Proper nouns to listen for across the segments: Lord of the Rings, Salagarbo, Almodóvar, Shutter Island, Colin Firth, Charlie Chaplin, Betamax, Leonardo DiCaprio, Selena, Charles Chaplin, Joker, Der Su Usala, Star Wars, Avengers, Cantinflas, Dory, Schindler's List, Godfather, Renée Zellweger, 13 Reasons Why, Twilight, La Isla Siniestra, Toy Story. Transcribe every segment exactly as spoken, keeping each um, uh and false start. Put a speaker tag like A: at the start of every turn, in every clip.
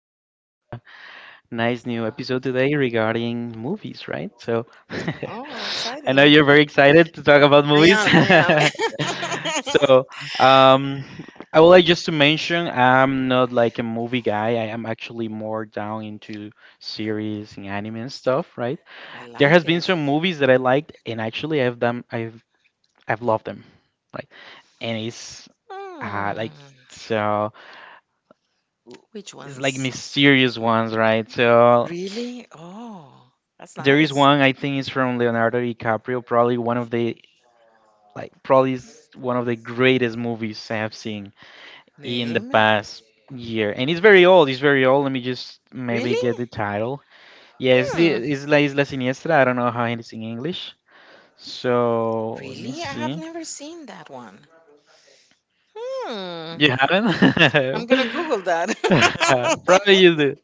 A: So we have a nice new episode today regarding movies, right? So
B: Oh, now
A: I
B: exciting.
A: know you're
B: You.
A: very excited to talk about
B: I
A: movies.
B: am, I am.
A: so um, I would like just to mention I'm not like a movie guy. I am actually more down into series and anime and stuff, right?
B: I there
A: There has
B: like
A: been
B: it.
A: some movies that I liked, and actually I've done I've I've loved them, right? And it's uh,
B: Many. Hmm.
A: like so
B: Which
A: it's like
B: ones?
A: mysterious ones, right? So
B: Really? Oh, that's there,
A: there is
B: nice.
A: one I think is from Leonardo DiCaprio, probably one of the like probably is one of the greatest movies I have seen in the
B: Name?
A: past year, and it's very old. It's very old. Let me just maybe
B: Really?
A: get the title. Yeah, it's the
B: Hmm.
A: it's La Isla Siniestra. I don't know how it's in English. So let me
B: Really? I have
A: see.
B: never seen that one. Hmm.
A: You
B: I'm
A: haven't?
B: gonna Google that.
A: Probably you do.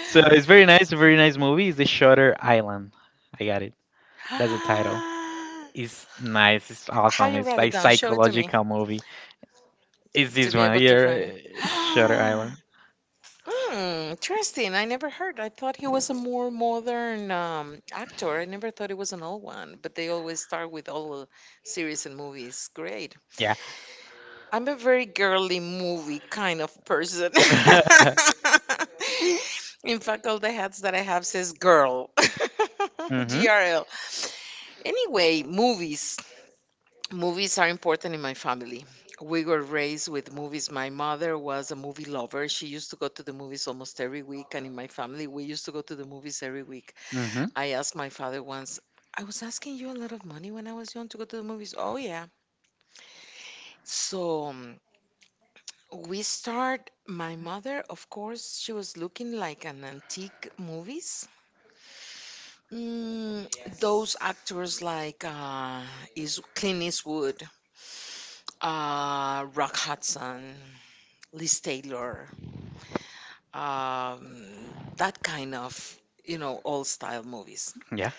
A: So it's very nice, very nice movie. It's the Shutter Island. I got it. That's the title.
B: Ah,
A: It's nice. It's
B: how
A: awesome.
B: you
A: It's
B: write it
A: like
B: down? Show it to me
A: psychological movie. It's
B: to
A: this
B: be
A: one
B: able to find it.
A: here, uh, Shutter Island.
B: Hmm, interesting. I never heard. I thought he was a more modern um, actor. I never thought it was an old one, but they always start with all the series and movies. Great.
A: Yeah.
B: I'm a very girly movie kind of person. In fact, all the hats that I have says girl.
A: Mhm.
B: G R L. Anyway, movies. Movies are important in my family. We were raised with movies. My mother was a movie lover. She used to go to the movies almost every week. And in my family, we used to go to the movies every week.
A: Mhm.
B: I asked my father once, I was asking you a lot of money when I was young to go to the movies. Oh, yeah. So um, we start, my mother, of course, she was looking like an antique movies. Mm, those actors like uh, is Clint Eastwood, uh, Rock Hudson. Liz Taylor, um, that kind of, you know, old style movies.
A: Yeah.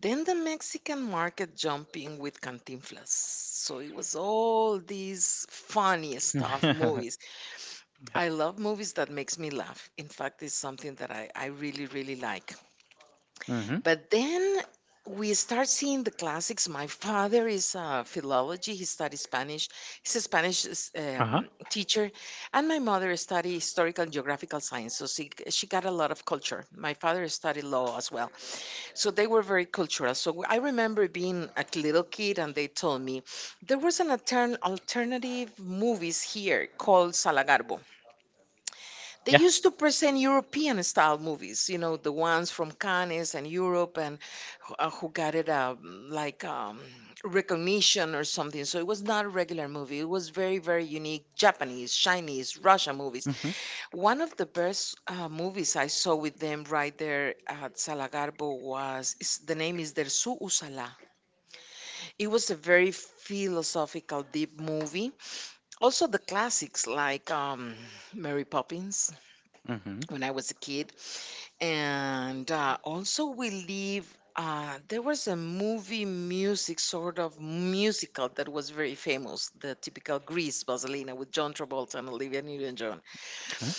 B: Then the Mexican market jumping with Cantinflas. So it was all these funny stuff
A: Mhm.
B: movies. I love movies that makes me laugh. In fact, it's something that I, I really, really like. But then we start seeing the classics. My father is a philology. He studies Spanish. He's a Spanish s-
A: Uh huh.
B: um, teacher. And my mother studied historical and geographical science. So she, she got a lot of culture. My father studied law as well. So they were very cultural. So I remember being a little kid and they told me there was an altern- alternative movies here called Salagarbo. They used to present European style movies, you know, the ones from Cannes and Europe, and who uh, who got it uh, like um, recognition or something. So it
A: Yeah.
B: was not a regular movie. It was very, very unique Japanese, Chinese, Russian movies.
A: Mm-hmm.
B: One of the best uh, movies I saw with them right there at Salagarbo was, is, the name is Der Su Usala. It was a very philosophical, deep movie. Also, the classics like um, Mary Poppins
A: Mm-hmm.
B: when I was a kid. and uh, also we live, uh, there was a movie music sort of musical that was very famous, the typical Grease Vaselina with John Travolta and Olivia Newton-John
A: Okay.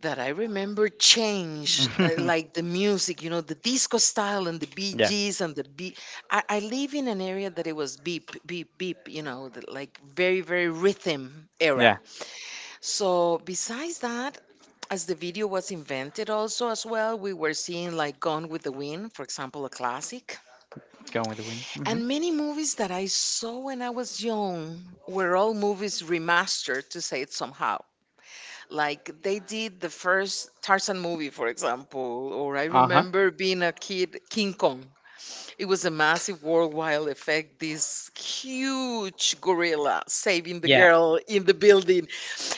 B: that I remember change uh, like the music, you know the disco style, and the Bee
A: Yeah.
B: Bgs and the beat. I, I live in an area that it was beep, beep, beep, you know the, like very very rhythm era.
A: Yeah.
B: So besides that, as the video was invented also as well, we were seeing like Gone with the Wind, for example, a classic.
A: Going with the wind. Mm-hmm.
B: And many movies that I saw when I was young were all movies remastered, to say it somehow, like they did the first Tarzan movie, for example, or I
A: Uh-huh.
B: remember being a kid, King Kong. It was a massive worldwide effect, this huge gorilla saving the
A: Yeah.
B: girl in the building.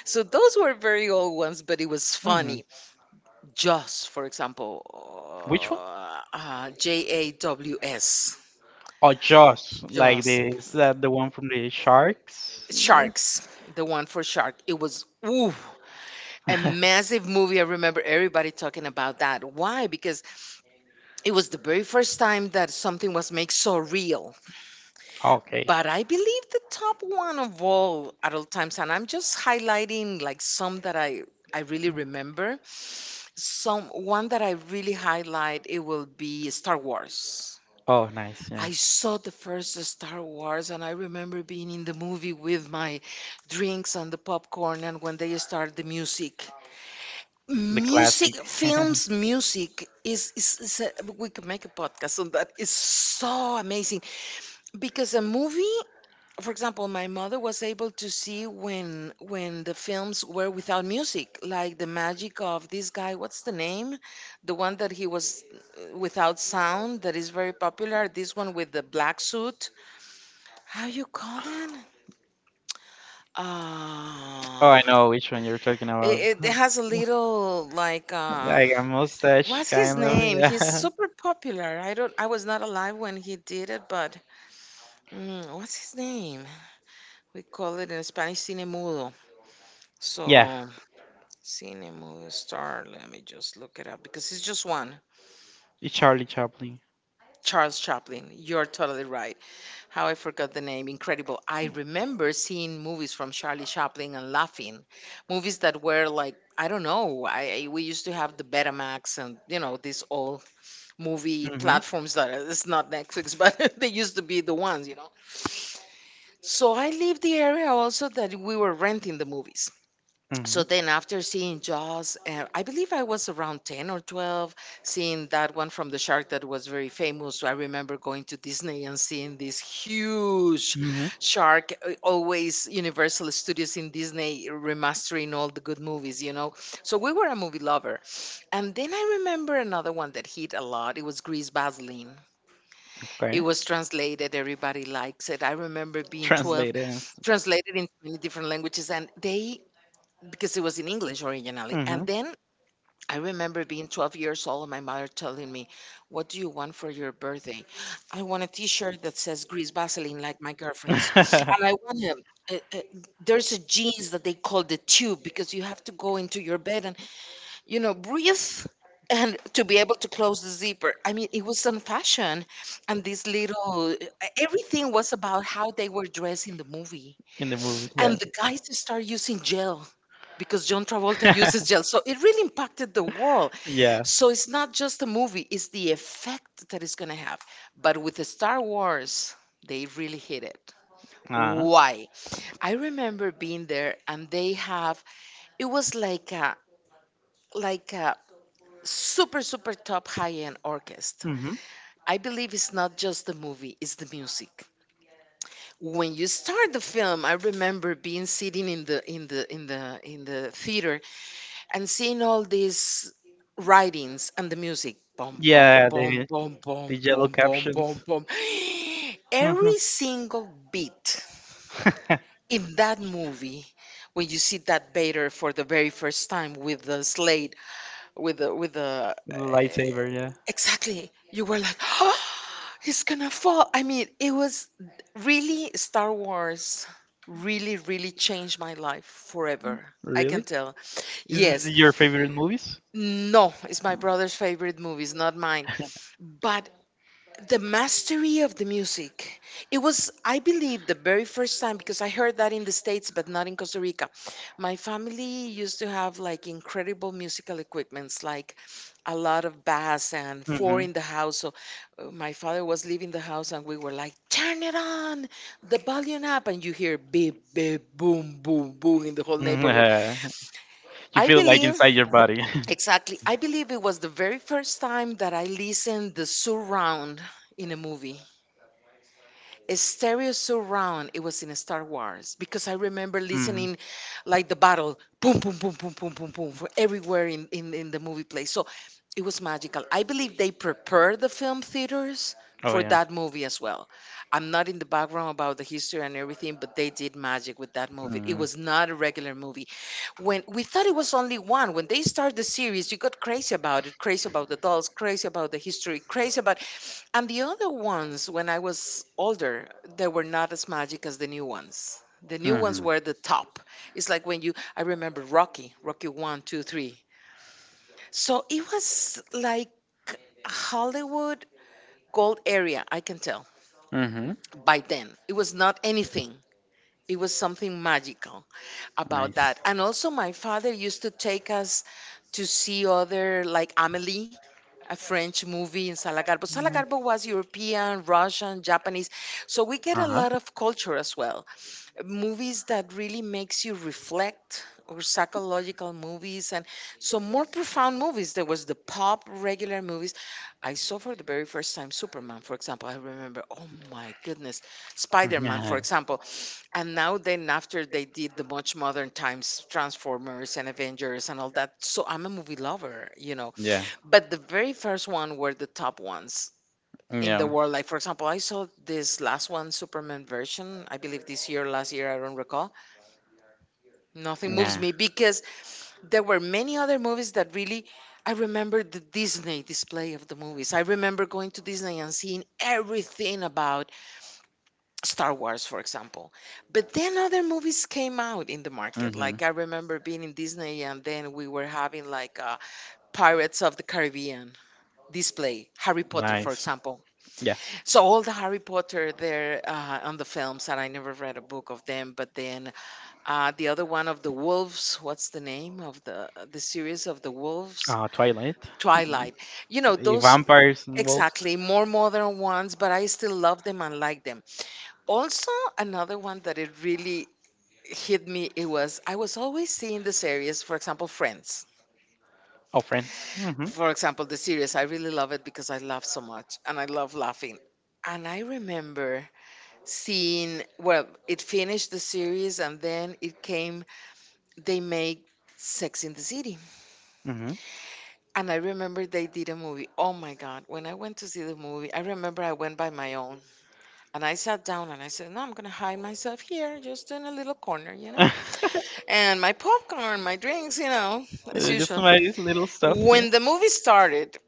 B: So those were very old ones, but it was
A: Mm-hmm.
B: funny. Jaws, for example,
A: Which one?
B: uh, uh, J A W S.
A: Oh, Jaws. Like
B: Jaws.
A: the is that the one from the sharks?
B: Sharks, the one for shark. It was ooh, a
A: Yeah.
B: massive movie. I remember everybody talking about that. Why? Because it was the very first time that something was made so real.
A: Okay.
B: But I believe the top one of all at all times, and I'm just highlighting like some that I I really remember. Some one that I really highlight it will be Star Wars.
A: Oh, nice. Yeah.
B: I saw the first Star Wars, and I remember being in the movie with my drinks and the popcorn and when they start the music.
A: The
B: Music,
A: classic.
B: films music is, is, is a, we could make a podcast on that. It's so amazing because a movie, for example, my mother was able to see when when the films were without music, like the magic of this guy. What's the name? The one that he was uh, without sound that is very popular. This one with the black suit. How you call that?
A: Oh,
B: Uh,
A: I know which one you're talking about.
B: it, it has a little like. Uh,
A: Like a mustache,
B: what's his
A: kind of.
B: name?
A: Yeah.
B: He's super popular. I don't. I was not alive when he did it, but mm, what's his name? We call it in Spanish cine mudo. Yeah.
A: Yeah.
B: So, cinema star, let me just look it up because it's just one.
A: It's Charlie Chaplin.
B: Charles Chaplin. You're totally right. How I forgot the name. Incredible. I remember seeing movies from Charlie Chaplin and laughing. Movies that were like, I don't know. I, I we used to have the Betamax, and you know these old movie
A: Mm-hmm.
B: platforms that are- it's not Netflix, but they used to be the ones, you know. So I lived the area also that we were renting the movies.
A: Mm-hmm.
B: So then after seeing Jaws, uh, I believe I was around ten or twelve, seeing that one from the shark that was very famous. So I remember going to Disney and seeing this huge
A: Mm-hmm.
B: shark, uh, always Universal Studios in Disney remastering all the good movies you know So we were a movie lover, and then I remember another one that hit a lot, it was Grease Baseline. It
A: Okay.
B: was translated, everybody likes it, I remember being twelve,
A: Translated. And...
B: translated into many different languages, and they because it was in English originally.
A: Mm-hmm.
B: And then I remember being twelve years old and my mother telling me, what do you want for your birthday? I want a t shirt that says Grease Vaseline, like my girlfriend's. And I want a, a, a, there's a jeans that they call the tube because you have to go into your bed and, you know, breathe and to be able to close the zipper. I mean, it was on fashion. And this little, everything was about how they were dressed in the movie.
A: In the movie. Yeah.
B: And the guys start using gel because John Travolta uses gel. So it really impacted the world.
A: Yeah.
B: So it's not just the movie, it's the effect that it's going to have. But with the Star Wars, they really hit it.
A: Uh-huh.
B: Why? I remember being there and they have it was like a like a super super top high end orchestra.
A: Mm-hmm.
B: I believe it's not just the movie, it's the music. When you start the film, I remember being sitting in the in the in the in the theater and seeing all these writings and the music boom, boom,
A: Yeah.
B: boom,
A: The
B: boom,
A: the
B: boom,
A: yellow
B: boom, boom, boom,
A: captions.
B: boom, every single beat in that movie. When you see that Vader for the very first time with the slate, with the with the uh,
A: Lightsaber, yeah.
B: exactly, you were like, he's gonna fall. I mean, it was really Star Wars really really changed my life forever, I can
A: Really?
B: tell.
A: Is it
B: Yes.
A: your favorite movies?
B: No, it's my brother's favorite movies, not mine. But the mastery of the music, it was, I believe, the very first time because I heard that in the States, but not in Costa Rica. My family used to have like incredible musical equipments, like a lot of bass and four
A: Hmm.
B: in the house. So uh, my father was leaving the house and we were like, turn it on, the volume up. And you hear beep, beep, boom, boom, boom in the whole
A: Mm,
B: neighborhood.
A: uh, you
B: I
A: feel like
B: believe
A: inside your body.
B: exactly. I believe it was the very first time that I listened the surround in a movie. A stereo surround. It was in Star Wars because I remember
A: Hmm.
B: listening like the battle, boom, boom, boom, boom, boom, boom, boom, for everywhere in, in, in the movie place. So it was magical. I believe they prepared the film theaters
A: Oh
B: for
A: yeah.
B: that movie as well. I'm not in the background about the history and everything, but they did magic with that movie. It
A: Hmm.
B: was not a regular movie when we thought it was only one. When they start the series, you got crazy about it, crazy about the dolls, crazy about the history, crazy about, and the other ones when I was older, they were not as magic as the new ones. The new ones
A: Hmm.
B: were the top. It's like when you, I remember Rocky, Rocky one two three, so it was like Hollywood gold area, I can tell.
A: Hmm.
B: By then it was not anything, it was something magical about
A: Nice.
B: that. And also, my father used to take us to see other, like Amelie, a French movie in Salagarbo. Salagarbo was European, Russian, Japanese. So we get a
A: Uh huh.
B: lot of culture as well. Movies that really makes you reflect or psychological movies, and so more profound movies. There was the pop regular movies. I saw for the very first time Superman, for example. I remember, oh my goodness, Spider Man, for
A: Yeah.
B: example. And now then after they did the much modern times transformers and avengers and all that, so I'm a movie lover, you know
A: Yeah.
B: but the very first one were the top ones
A: Yeah.
B: in
A: Yeah.
B: the world. Like for example, I saw this last one Superman version, I believe this year, last year, I don't recall. Nothing moves me because there were many other movies that really, I remember the Disney display of the movies. I remember going to Disney and seeing everything about Star Wars, for example. But then other movies came out in the market.
A: Mm-hmm.
B: Like I remember being in Disney, and then we were having like uh, Pirates of the Caribbean display, Harry Potter, for
A: Nice.
B: example.
A: Yeah.
B: So all the Harry Potter there, uh, on the films, and I never read a book of them. But then uh, the other one of the wolves, what's the name of the the series of the wolves?
A: Uh, Twilight.
B: Twilight. You know,
A: The
B: those
A: vampires and wolves.
B: exactly more modern ones, but I still love them and like them. Also, another one that it really hit me, it was I was always seeing the series, for example, Friends.
A: Oh, friends. Mm-hmm.
B: For example, the series I really love it because I laugh so much and I love laughing. And I remember seeing, well, it finished the series and then it came, they made Sex in the City.
A: Mm-hmm.
B: And I remember they did a movie. Oh my God. When I went to see the movie, I remember I went by my own and I sat down and I said, "No, I'm going to hide myself here, just in a little corner, you know? And my popcorn, my drinks, you know, as
A: Just
B: usual.
A: my little stuff here.
B: When the movie started,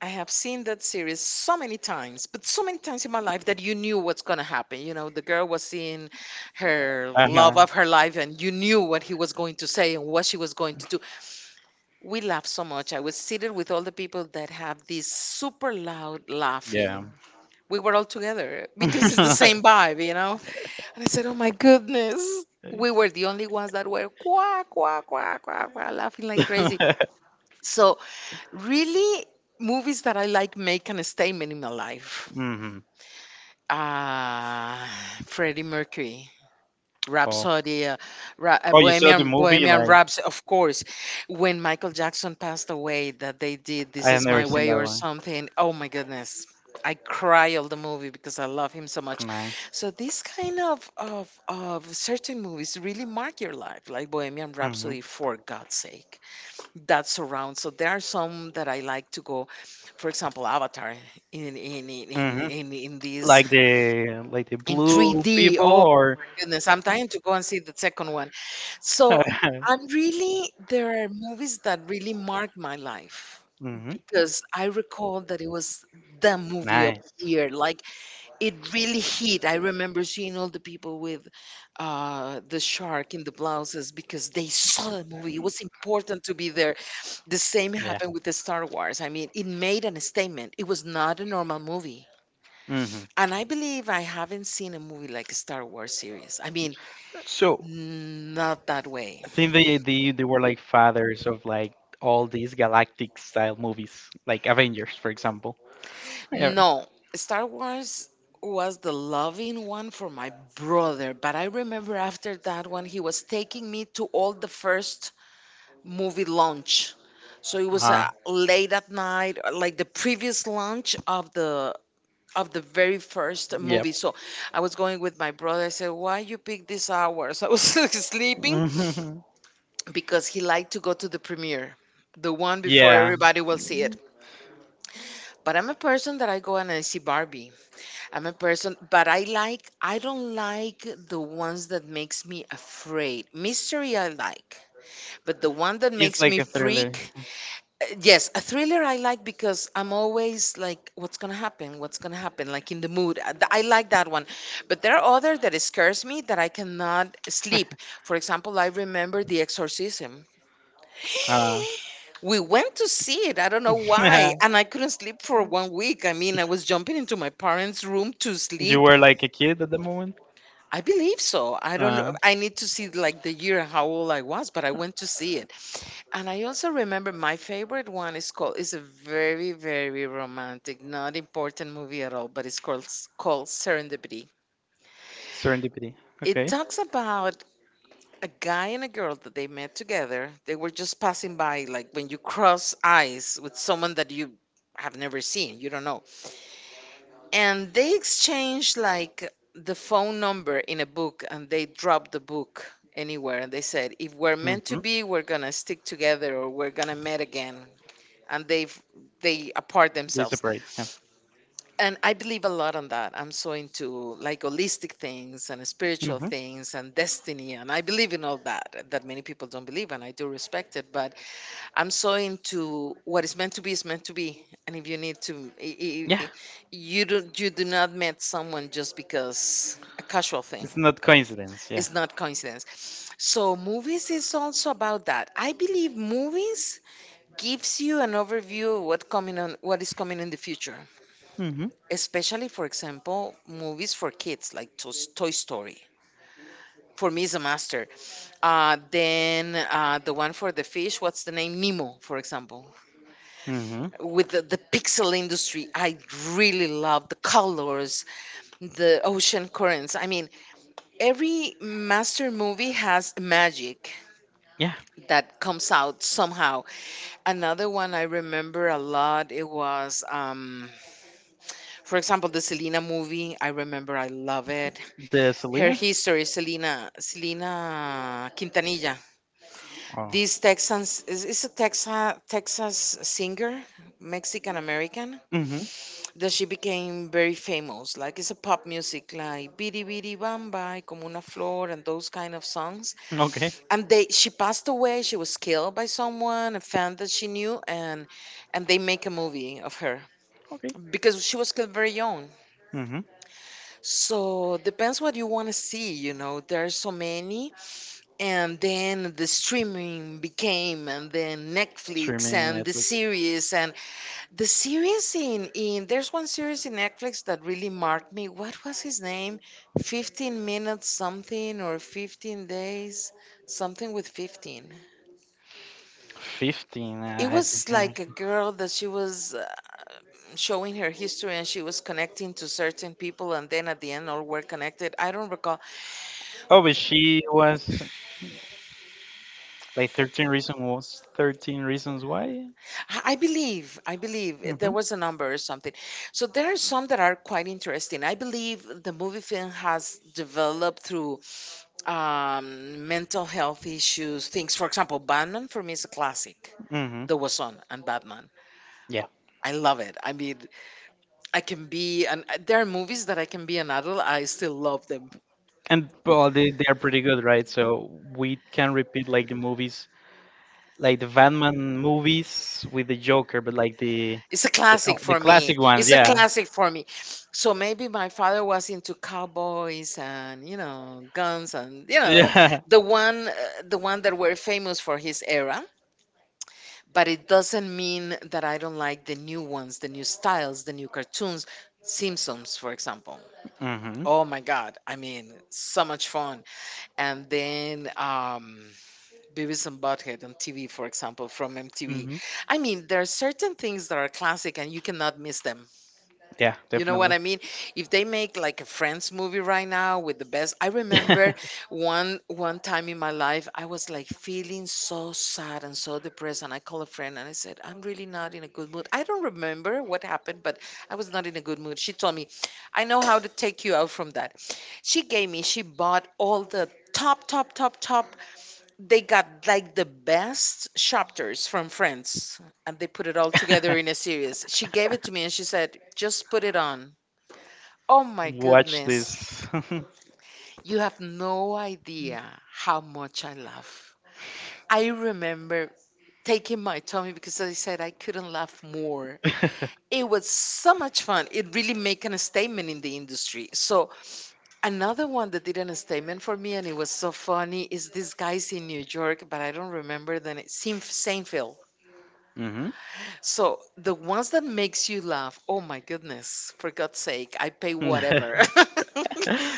B: I have seen that series so many times, but so many times in my life that you knew what's going to happen. You know, the girl was seeing her
A: Uh
B: love
A: huh.
B: of her life, and you knew what he was going to say and what she was going to do. We laughed so much. I was seated with all the people that have this super loud laughing.
A: Yeah.
B: We were all together because it's the same vibe, you know? And I said, "Oh my goodness." We were the only ones that were quack, quack, quack, quack, quack, laughing like crazy. So, really, movies that I like make an statement in my life.
A: Hmm.
B: Ah, Freddie Mercury.
A: Oh.
B: Rhapsody, uh, Ra- uh,
A: Oh, you saw the
B: Bohemian
A: movie?
B: Bohemian
A: Like,
B: Rhapsody, of course. When Michael Jackson passed away, that they did "This
A: I have
B: Is
A: never
B: My
A: seen
B: Way"
A: that
B: or
A: one.
B: something. Oh my goodness, I cry all the movie because I love him so much.
A: Nice.
B: So these kind of of of certain movies really mark your life, like Bohemian
A: Hmm.
B: Rhapsody. For God's sake, that's around. So there are some that I like to go. For example, Avatar in in in in
A: Hmm.
B: in, in this
A: Like the like the
B: in
A: blue
B: three D.
A: people or.
B: Goodness, I'm dying to go and see the second one. So I'm really, there are movies that really mark my life
A: Hmm.
B: because I recall that it was the movie of
A: Nice.
B: the year. Like it really hit. I remember seeing all the people with uh, the shark in the blouses because they saw the movie. It was important to be there. The same
A: Yeah.
B: happened with the Star Wars. I mean, it made an statement. It was not a normal movie.
A: Hmm.
B: And I believe I haven't seen a movie like a Star Wars series. I mean,
A: So,
B: not that way.
A: I think they, they they were like fathers of like all these galactic style movies, like Avengers, for example. Yeah.
B: No, Star Wars was the loving one for my brother, but I remember after that one, he was taking me to all the first movie launch. So it was
A: Uh,
B: uh, late at night, uh, like the previous launch of the of the very first
A: yep.
B: movie. So I was going with my brother. I said, "Why you pick these hours?" I was sleeping,
A: Mhm.
B: because he liked to go to the premiere, the one before
A: Yeah.
B: everybody will see it. But I'm a person that I go and I see Barbie. I'm a person, but I like, I don't like the ones that makes me afraid. Mystery I like, but the one that
A: It's
B: makes
A: like
B: me
A: a thriller.
B: freak, uh, yes, a thriller I like because I'm always like, what's gonna happen? What's gonna happen? Like in the mood. Uh, th- I like that one, but there are other that scares me that I cannot sleep. For example, I remember The Exorcism.
A: Uh,
B: We went to see it. I don't know why. And I couldn't sleep for one week. I mean, I was jumping into my parents' room to
A: you
B: sleep.
A: were like a kid at the moment.
B: I believe so. I don't
A: Uh,
B: know. I need to see like the year how old I was, but I went to see it. And I also remember my favorite one is called, it's a very, very romantic, not important movie at all, but it's called called Serendipity.
A: Serendipity.
B: It
A: Okay.
B: talks about a guy and a girl that they met together. They were just passing by, like when you cross eyes with someone that you have never seen, you don't know. And they exchanged like the phone number in a book and they dropped the book anywhere. And they said, if we're meant to
A: Hmm.
B: be, we're going to stick together or we're going to meet again. And they've, they apart
A: They
B: themselves
A: separate. Yeah.
B: and I believe a lot on that. I'm so into like holistic things and spiritual
A: Hmm.
B: things and destiny, and I believe in all that that many people don't believe, and I do respect it. But I'm so into what is meant to be is meant to be, and if you need to, i-
A: Yeah,
B: i- i- you don't you do not meet someone just because a casual thing.
A: it's not coincidence. Yeah.
B: It's not coincidence. So movies is also about that. I believe movies gives you an overview of what coming on, what is coming in the future,
A: Hmm.
B: especially for example movies for kids like Toy Toy Story. For me, is a master. Uh, then uh, the one for the fish, what's the name? Nemo, for example.
A: Hmm.
B: With the, the pixel industry, I really love the colors, the ocean currents. I mean, every master movie has magic
A: Yeah,
B: that comes out somehow. Another one I remember a lot, it was, um, for example, the Selena movie. I remember I love it.
A: the
B: Her
A: Selena.
B: history, Selena, Selena Quintanilla.
A: Oh.
B: This Texan is, is a Texas Texas singer, Mexican American.
A: Hmm.
B: That she became very famous. Like it's a pop music, like "Bidi Bidi Bamba," "Como una Flor," and those kind of songs.
A: Okay.
B: And they, she passed away. She was killed by someone, a fan that she knew, and and they make a movie of her
A: Okay.
B: because she was killed very young.
A: Hmm.
B: So depends what you want to see. You know, there are so many, and then the streaming became and then Netflix
A: Streaming
B: and the
A: Netflix.
B: series. And the series in in there's one series in Netflix that really marked me. What was his name? fifteen minutes something, or fifteen days something, with fifteen.
A: fifteen,
B: It
A: uh, I think.
B: was
A: uh,
B: like a girl that she was uh, showing her history and she was connecting to certain people and then at the end all were connected. I don't recall.
A: Oh, but she was like thirteen reasons was thirteen reasons why?
B: I I believe, I believe there
A: Mm-hmm.
B: was a number or something. So there are some that are quite interesting. I believe the movie film has developed through um, mental health issues, things. For example, Batman for me is a classic.
A: Mm-hmm.
B: The Wason and Batman.
A: Yeah.
B: I love it. I mean, I can be, and there are movies that I can be an adult, I still love them.
A: And well, they, they are pretty good, right? So we can repeat like the movies like the Batman movies with the Joker, but like the
B: It's a
A: the, oh,
B: classic
A: the
B: for me.
A: classic
B: Classic one.
A: ones,
B: It's a, yeah,
A: yeah,
B: classic for me. So maybe my father was into cowboys and you know guns and you, yeah, know
A: yeah.
B: the one uh, the one that were famous for his era. But it doesn't mean that I don't like the new ones, the new styles, the new cartoons. Simpsons, for example.
A: Mhm.
B: Oh my God! I mean, so much fun. And then um, Beavis and Butthead on T V, for example, from M T V.
A: Mhm.
B: I mean, there are certain things that are classic and you cannot miss them.
A: Yeah,
B: You know what
A: definitely.
B: I mean? If they make like a Friends movie right now with the best, I remember one one time in my life I was like feeling so sad and so depressed, and I called a friend and I said, "I'm really not in a good mood." I don't remember what happened, but I was not in a good mood. She told me, "I know how to take you out from that." She gave me, she bought all the top, top, top, top. They got like the best chapters from Friends, and they put it all together in a series. She gave it to me and she said, "Just put it on." Oh my
A: Watch this.
B: goodness. You have no idea how much I laugh. I remember taking my tummy because I said I couldn't laugh more. It was so much fun. It really making a statement in the industry. So another one that did a statement for me and it was so funny is these guys in New York, but I don't remember the name. Seinf- Seinfeld.
A: Mhm.
B: So the ones that makes you laugh, oh my goodness, for God's sake, I pay whatever.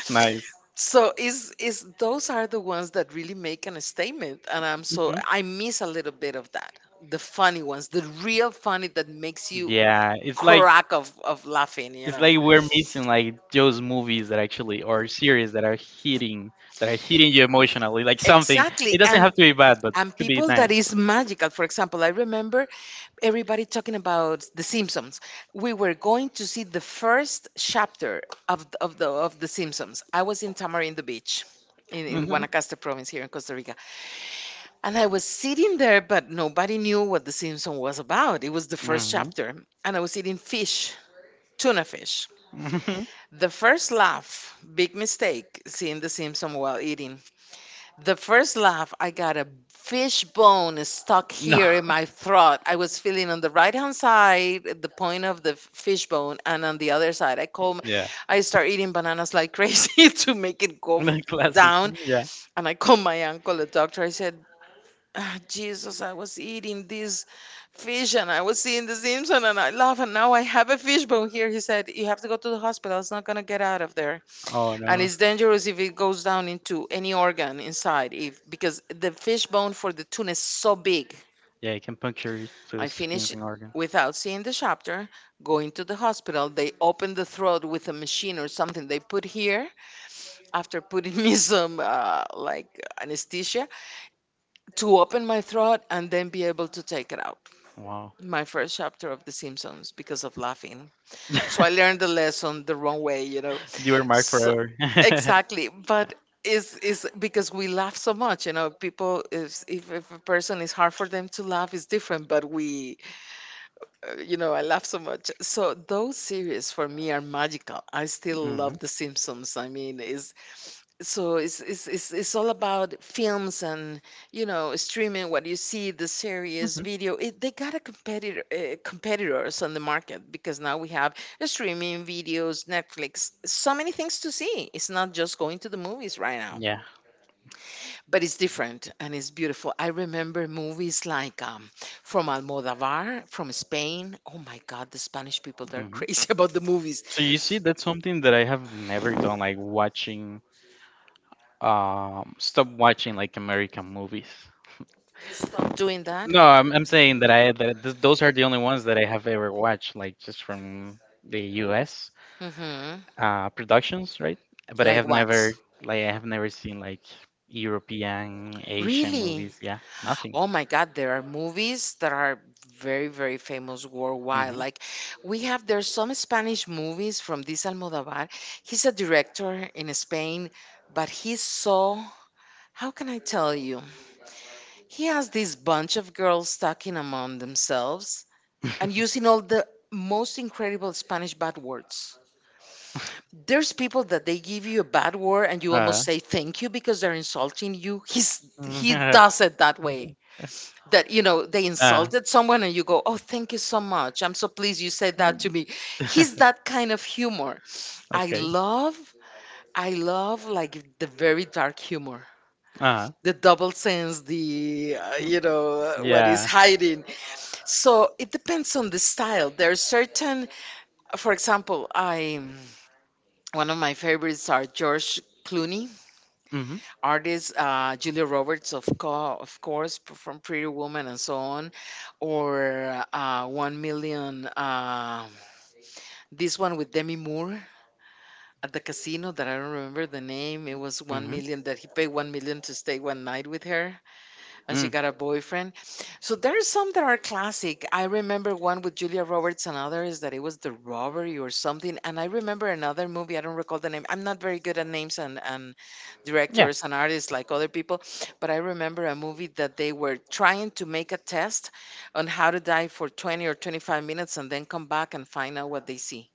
A: Nice.
B: so is is those are the ones that really make an statement and I'm so I miss a little bit of that. The funny ones, the real
A: Mhm.
B: funny that makes you
A: Yeah, it's like
B: crack of, of laughing, you
A: it's
B: know.
A: like we're missing like those movies that actually or series that are hitting that are hitting you emotionally, like something. It
B: Exactly.
A: doesn't
B: And
A: have to be bad, but it
B: and
A: could be
B: people that
A: nice.
B: is magical. For example, I remember everybody talking about The Simpsons. We were going to see the first chapter of the, of the of The Simpsons. I was in Tamarindo Beach. In, in
A: Mhm.
B: Guanacaste province here in Costa Rica. And I was sitting there, but nobody knew what The Simpsons was about. It was the first
A: Mhm.
B: chapter. And I was eating fish, tuna fish.
A: Mhm.
B: The first laugh, big mistake, seeing The Simpsons while eating. The first laugh, I got a fish bone stuck
A: No.
B: here in my throat. I was feeling on the right hand side, the point of the f- fish bone, and on the other side. I call, m-
A: Yeah.
B: I start eating bananas like crazy to make it go f-
A: Classic.
B: down.
A: Yeah.
B: And I called my uncle, a doctor. I said, "Ah, Jesus, I was eating this fish and I was seeing the Simpson and I laugh and now I have a fish bone here. He said, You have to go to the hospital. It's not going to get out of there
A: Oh
B: and
A: no.
B: it's dangerous if it goes down into any organ inside if because the fish bone for the tuna is so big.
A: Yeah, it can puncture
B: I
A: those skins
B: finish
A: and organ.
B: without seeing the chapter, going to the hospital. They open the throat with a machine or something they put here after putting me some uh, like anesthesia to open my throat and then be able to take it out.
A: Wow.
B: My first chapter of the Simpsons because of laughing. So I learned the lesson the wrong way, you know.
A: You were marked
B: So
A: forever.
B: exactly, but is is because we laugh so much, you know. People, if if, if a person is hard for them to laugh, is different. But we, uh, you know, I laugh so much. So those series for me are magical. I still
A: Hmm.
B: love The Simpsons. I mean, is so it's, it's it's it's all about films and you know streaming, what you see, the series,
A: Hmm.
B: video, it, they got a competitor, uh, competitors on the market because now we have streaming videos, Netflix, so many things to see. It's not just going to the movies right now,
A: Yeah.
B: but it's different and it's beautiful. I remember movies like um, from Almodovar from Spain. Oh my God, the Spanish people, they're
A: Hmm.
B: crazy about the movies.
A: So you see, that's something that I have never done, like watching, um, stop watching like American movies.
B: You stop doing that.
A: No, I'm I'm saying that I that th- those are the only ones that I have ever watched, like just from the U S
B: Mm-hmm.
A: uh productions, right? But I
B: Like
A: have
B: what?
A: never like I have never seen like European, Asian
B: Really?
A: movies. Yeah, nothing.
B: Oh my God, there are movies that are very, very famous worldwide.
A: Mhm.
B: Like we have, there's some Spanish movies from this Almodovar. He's a director in Spain, but he's so, how can I tell you? He has this bunch of girls talking among themselves and using all the most incredible Spanish bad words. There's people that they give you a bad word and you
A: Uh,
B: almost say thank you because they're insulting you. He's he
A: mhm.
B: does it that way. That you know they
A: uh,
B: insulted someone and you go, oh, thank you so much. I'm so pleased you said that to me. He's that kind of humor. I
A: okay.
B: love, I love like the very dark humor,
A: Uh,
B: the double sense, the uh, you know, uh, what is
A: yeah.
B: hiding. So it depends on the style. There are certain, for example, I, one of my favorites are George Clooney
A: Mhm.
B: artists, uh, Julia Roberts, of, co- of course, p- from Pretty Woman and so on, or uh, One Million, uh, this one with Demi Moore at the casino that I don't remember the name. It was One
A: Mhm.
B: Million that he paid One Million to stay one night with her and she
A: Mm.
B: got a boyfriend. So there are some that are classic. I remember one with Julia Roberts and others that it was The Robbery or something. And I remember another movie, I don't recall the name. I'm not very good at names and, and directors and artists like other people, but I remember a
A: Yeah.
B: movie that they were trying to make a test on how to dive for twenty or twenty-five minutes and then come back and find out what they see.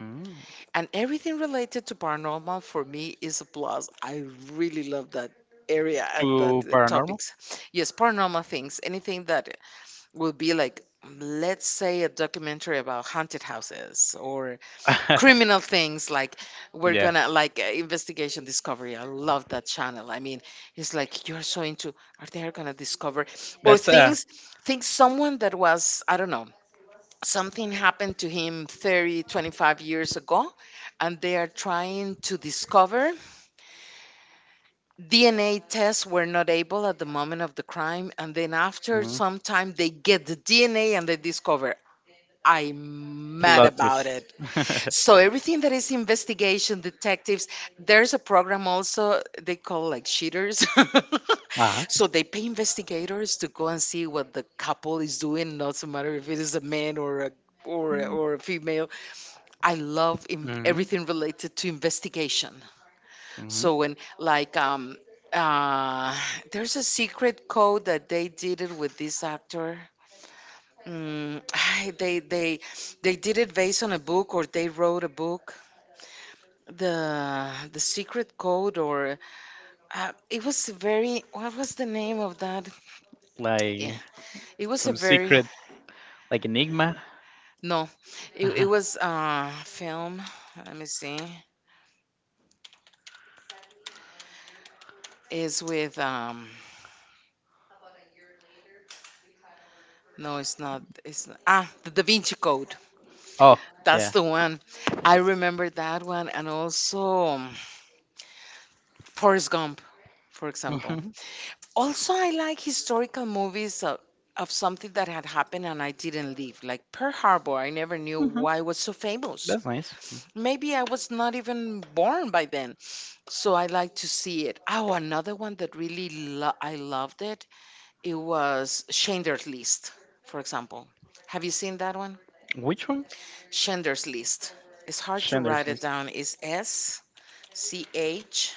A: Mm.
B: And everything related to paranormal for me is a plus. I really love that area and
A: To
B: that uh,
A: paranormal?
B: topics. Yes, paranormal things, anything that will be like, let's say, a documentary about haunted houses or criminal things like we're
A: Yeah.
B: gonna like uh, investigation discovery. I love that channel. I mean, it's like you're so into, are they gonna discover, or
A: That's a
B: things, things, someone that was, I don't know, something happened to him thirty, twenty-five years ago, and they are trying to discover. D N A tests were not able at the moment of the crime, and then after
A: mm,
B: some time, they get the D N A and they discover. I'm mad
A: plot
B: about
A: twist.
B: it. So everything that is investigation, detectives, there's a program also they call like cheaters.
A: Uh-huh.
B: So they pay investigators to go and see what the couple is doing. Doesn't matter if it is a man or a or a-
A: Mm.
B: or a female. I love in
A: Mhm.
B: everything related to investigation.
A: Mhm.
B: So when like um uh there's a secret code that they did it with this actor. Mm, they they they did it based on a book or they wrote a book. The the secret code or uh, it was very, what was the name of that?
A: Like
B: Yeah, it was a
A: some
B: very,
A: secret, like enigma.
B: no. It, it
A: Uh-huh.
B: was uh film. Let me see. Is with um. No, it's not. It's not. Ah, the Da Vinci Code.
A: Oh,
B: That's
A: yeah.
B: the one. I remember that one, and also um, Forrest Gump, for example.
A: Mhm.
B: Also, I like historical movies of, of something that had happened and I didn't live, like Pearl Harbor. I never knew
A: Hmm.
B: why it was so famous.
A: That's nice.
B: Maybe I was not even born by then, so I like to see it. Oh, another one that really lo- I loved it. It was Schindler's List, for example. Have you seen that one?
A: Which one?
B: Schindler's List. It's hard to
A: Schindler's
B: write
A: List.
B: it down. It's S C H.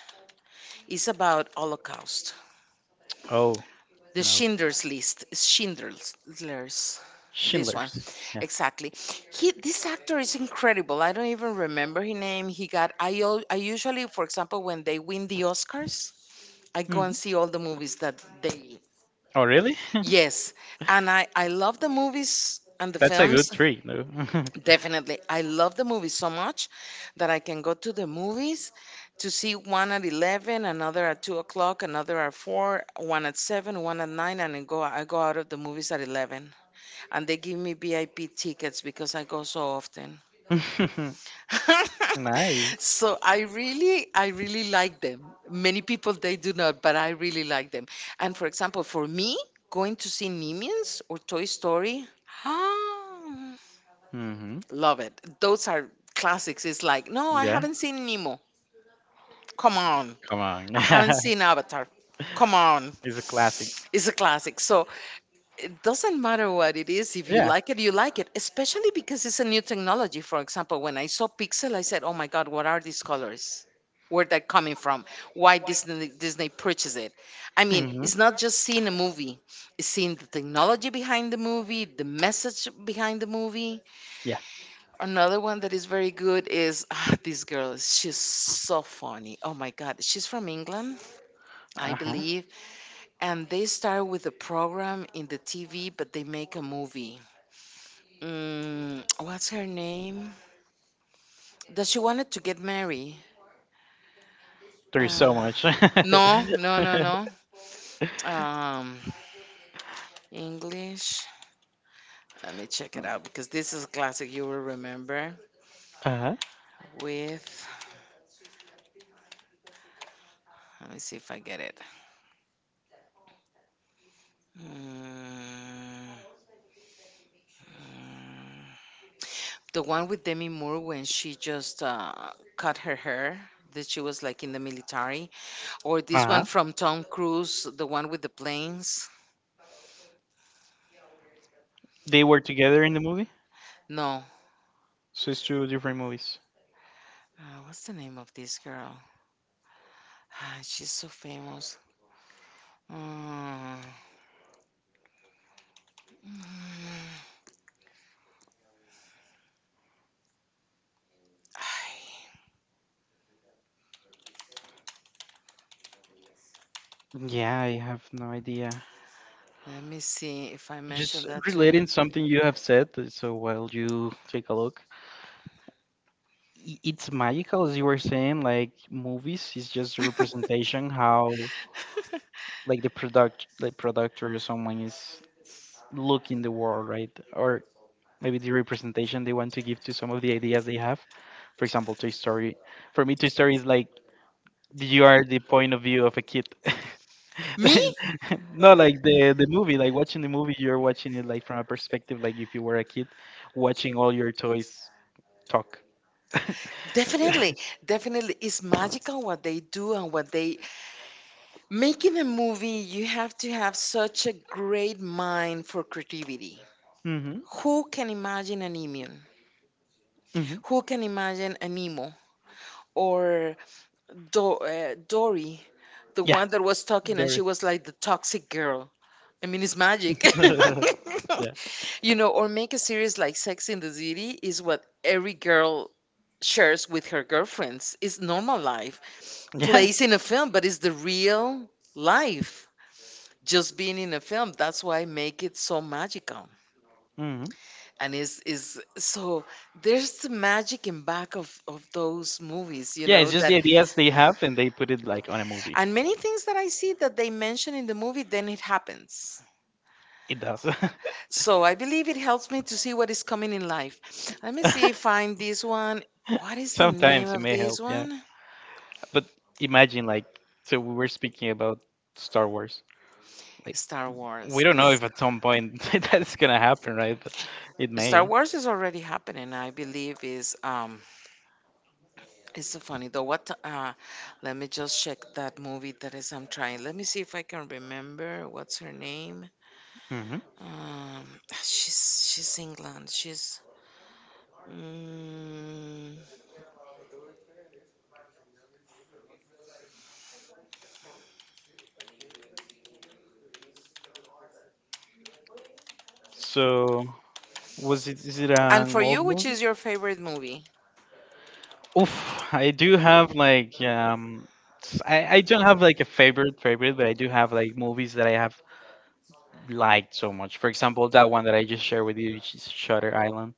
B: It's about Holocaust.
A: Oh,
B: The
A: no.
B: Schindler's List. It's Schindler's. This one,
A: Schindler's. Yeah.
B: exactly. He, this actor is incredible. I don't even remember his name. He got. I, al- I usually, for example, when they win the Oscars, I go and
A: Mhm.
B: see all the movies that they.
A: Oh, really?
B: Yes, and I I love the movies and the
A: That's a good
B: films.
A: trick, though.
B: Definitely. I love the movies so much that I can go to the movies to see one at eleven, another at two o'clock, another at four, one at seven, one at nine, and I go, I go out of the movies at eleven. And they give me V I P tickets because I go so often.
A: Nice.
B: So I really, I really like them. Many people, they do not, but I really like them. And for example, for me, going to see Minions or Toy Story,
A: Hmm.
B: love it. Those are classics. It's like, no, I
A: Yeah.
B: haven't seen Nemo. Come on.
A: Come on.
B: I haven't seen Avatar. Come on.
A: It's a classic.
B: It's a classic. So it doesn't matter what it is. If you
A: Yeah.
B: like it, you like it, especially because it's a new technology. For example, when I saw Pixel, I said, oh my God, what are these colors? Where that coming from? Why Disney Disney purchased it? I mean,
A: Hmm.
B: it's not just seeing a movie; it's seeing the technology behind the movie, the message behind the movie.
A: Yeah.
B: Another one that is very good is ah, this girl. is- She's so funny. Oh my God. She's from England, I
A: Uh-huh.
B: believe. And they start with a program in the T V, but they make a movie. Mm, what's her name? That she wanted to get married.
A: There is
B: Uh,
A: so much. Uh-huh.
B: no, no, no, no. Um, English. Let me check it out because this is a classic you will remember.
A: Uh-huh.
B: With, let me see if I get it. Mm, mm. The one with Demi Moore when she just uh, cut her hair, that she was like in the military, or this one from Tom Cruise, the one with the planes.
A: They were together in the movie?
B: No,
A: So it's two different movies.
B: uh, what's the name of this girl? Ah, she's so famous. Mm. Mm.
A: Yeah, I have no idea.
B: Let me see if I mentioned
A: Just
B: that to you.
A: relating something you have said, uh, so while you take a look, i- it's magical as you were saying. Like movies is just a representation how like the product, like product or someone is s- looking the world, right? Or maybe the representation they want to give to some of the ideas they have. For example, Toy Story. For me, Toy Story is like you are the point of view of a kid.
B: Me?
A: Then- no, like the the movie, like watching the movie, you're watching it like from a perspective like if you were a kid watching all your toys talk.
B: Definitely. Definitely. It's magical what they do and what they. Making a movie, you have to have such a great mind for creativity.
A: Mhm.
B: Who can imagine an Emion?
A: Mhm.
B: Who can imagine an Nemo or Do- uh, Dory, the
A: Yeah.
B: one that was talking and she
A: Dory.
B: was like the toxic girl? I mean, it's magic.
A: Yeah.
B: You know, or make a series like Sex in the City is what every girl shares with her girlfriends. It's normal life,
A: Yeah.
B: plays in a film, but it's the real life, just being in a film. That's why I make it so magical,
A: Mhm.
B: and is is so there's the magic in back of of those movies, you
A: Yeah,
B: know.
A: it's just
B: That
A: the ideas they have and they put it like on a movie.
B: and many things that I see that they mention in the movie, then it happens.
A: It does.
B: So I believe it helps me to see what is coming in life. Let me see, find this one. What is the name
A: Sometimes it
B: of
A: may
B: this
A: help. Yeah.
B: one?
A: But imagine, like, so we were speaking about Star Wars. Like,
B: Star
A: we
B: Wars
A: don't know
B: is—
A: if at some point that's gonna happen, right? But it
B: Star
A: may.
B: Wars is already happening, I believe. Is um It's so funny though. What uh Let me just check that movie that is I'm trying. Let me see if I can remember what's her name.
A: Hmm.
B: Um she's she's England. She's— mm,
A: So, was it? Is it
B: And for
A: an old
B: you, which
A: movie?
B: is your favorite movie?
A: Oof, I do have like um, s- I I don't have like a favorite favorite, but I do have like movies that I have liked so much. For example, that one that I just shared with you, which is Shutter Island.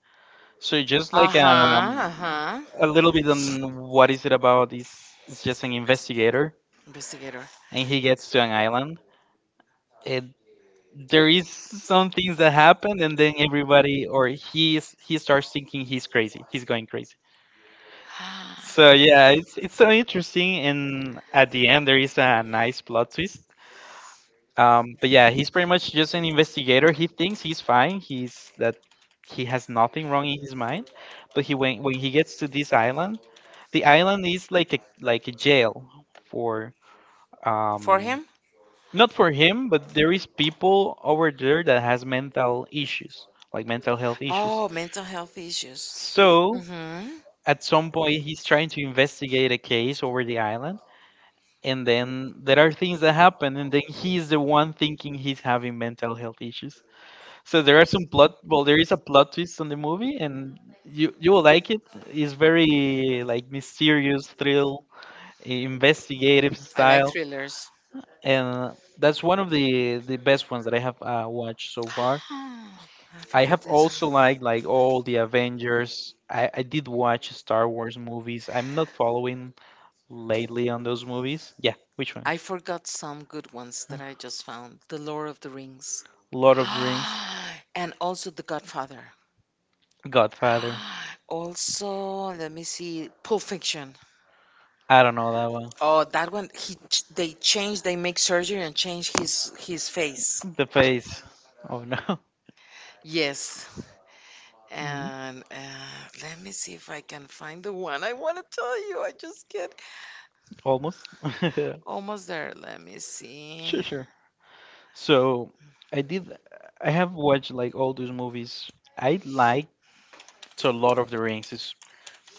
A: So just like
B: Uh-huh,
A: um,
B: uh-huh.
A: a little bit on what is it about? Is it's just an investigator
B: Investigator.
A: and he gets to an island. It There is some things that happen, and then everybody or he is- he starts thinking he's crazy. He's going crazy. So yeah, it's it's so interesting, and at the end there is a nice plot twist. Um, but yeah, he's pretty much just an investigator. He thinks he's fine. He's that he has nothing wrong in his mind, but he when when he gets to this island, the island is like a like a jail for
B: For
A: um
B: him?
A: not for him, but there is people over there that has mental issues, like mental health issues.
B: Oh, mental health issues.
A: So
B: Mm-hmm.
A: at some point he's trying to investigate a case over the island, and then there are things that happen, and then he's the one thinking he's having mental health issues. So there are some plot. Well, there is a plot twist on the movie, and you you will like it. It's very like mysterious thrill, investigative
B: I like
A: style,
B: thrillers.
A: and that's one of the the best ones that I have uh, watched so far.
B: Ah, I
A: I
B: forgot
A: have also
B: this.
A: liked like all the Avengers. I, I did watch Star Wars movies. I'm not following lately on those movies. Yeah, which one?
B: I forgot some good ones
A: Uh,
B: that I just found. The Lord of the Rings.
A: Lord of the Rings,
B: And also The Godfather.
A: Godfather.
B: Also, let me see, Pulp Fiction.
A: I don't know that one.
B: Oh, that one. He ch- they change. They make surgery and change his his face.
A: The face. Oh no.
B: Yes.
A: Mhm.
B: And uh, let me see if I can find the one I want to tell you. I just get
A: Almost.
B: almost there. Let me see.
A: Sure, sure. So I did. I have watched like all those movies. I liked so Lord of the Rings is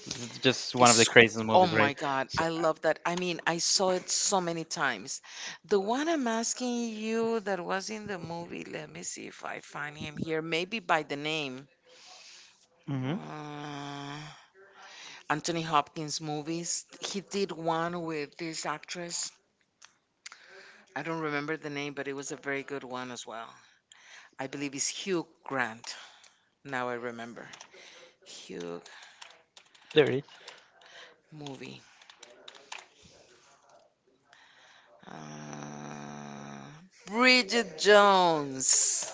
A: is just one of the
B: It's—
A: craziest
B: oh
A: movies, right?
B: my God,
A: So
B: I love that. I mean, I saw it so many times. The one I'm asking you that was in the movie, let me see if I find him here, maybe by the name.
A: Mm-hmm.
B: Uh, Anthony Hopkins movies. He did one with this actress. I don't remember the name, but it was a very good one as well. I believe it's Hugh Grant. Now I remember. Hugh
A: There it is.
B: movie. Uh, Bridget Jones.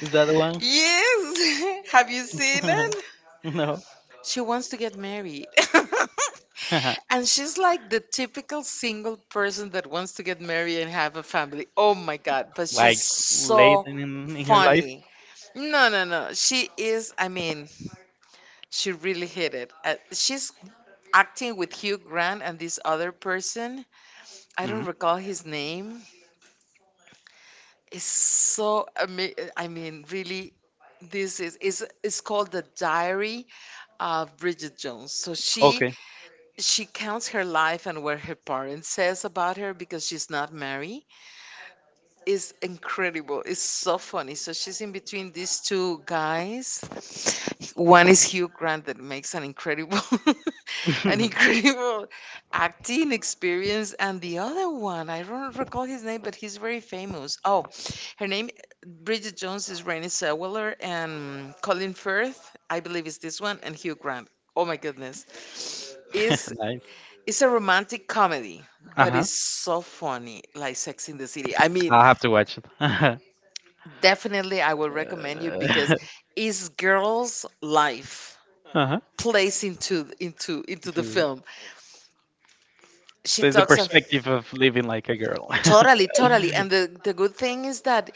A: Is that the one?
B: Yes. Have you seen it?
A: No.
B: She wants to get married. And she's like the typical single person that wants to get married and have a family. Oh my God. But she's
A: Like late
B: so
A: in, in in your life.
B: funny. No, no, no. She is, I mean, she really hit it. Uh, she's acting with Hugh Grant and this other person. I
A: Mm-hmm.
B: don't recall his name. It's so ama— I mean, really, this is is it's called The Diary of Bridget Jones. So she
A: Okay.
B: she counts her life and what her parents says about her because she's not married. Is incredible. It's so funny. So she's in between these two guys. One is Hugh Grant, that makes an incredible, an incredible acting experience, and the other one I don't recall his name, but he's very famous. Oh, her name, Bridget Jones, is Renée Zellweger, and Colin Firth, I believe, is this one, and Hugh Grant. Oh my goodness, is
A: Nice.
B: it's a romantic comedy,
A: Uh
B: but
A: huh.
B: it's so funny, like Sex in the City. I mean,
A: I'll have to watch it. Uh,
B: definitely, I will recommend you, because it's girl's life
A: uh-huh.
B: plays into into into the
A: To-
B: film. She
A: So it's the
B: talks of—
A: perspective of living like a girl.
B: totally, totally, and the the good thing is that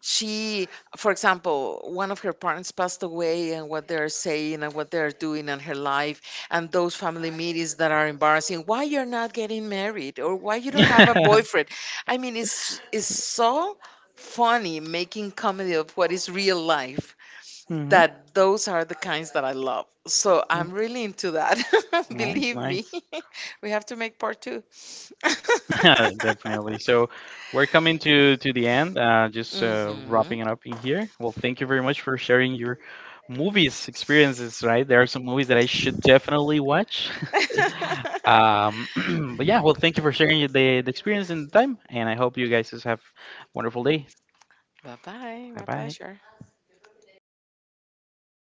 B: she, for example, one of her parents passed away, and what they're saying and what they're doing in her life, and those family meetings that are embarrassing. Why you're not getting married, or why you don't have a boyfriend? I mean, it's it's so funny, making comedy of what is real life,
A: Mhm.
B: that those are the kinds that I love. So
A: Mm.
B: I'm really into that.
A: Nice,
B: Believe me,
A: nice.
B: we have to make part two.
A: Definitely. So we're coming to to the end. Uh, just uh,
B: Mhm.
A: wrapping it up in here. Well, thank you very much for sharing your movies experiences. Right, there are some movies that I should definitely watch. Um, but yeah, well, thank you for sharing the, the experience and the time, and I hope you guys just have a wonderful day.
B: Bye bye.
A: Bye
B: My
A: bye.
B: pleasure.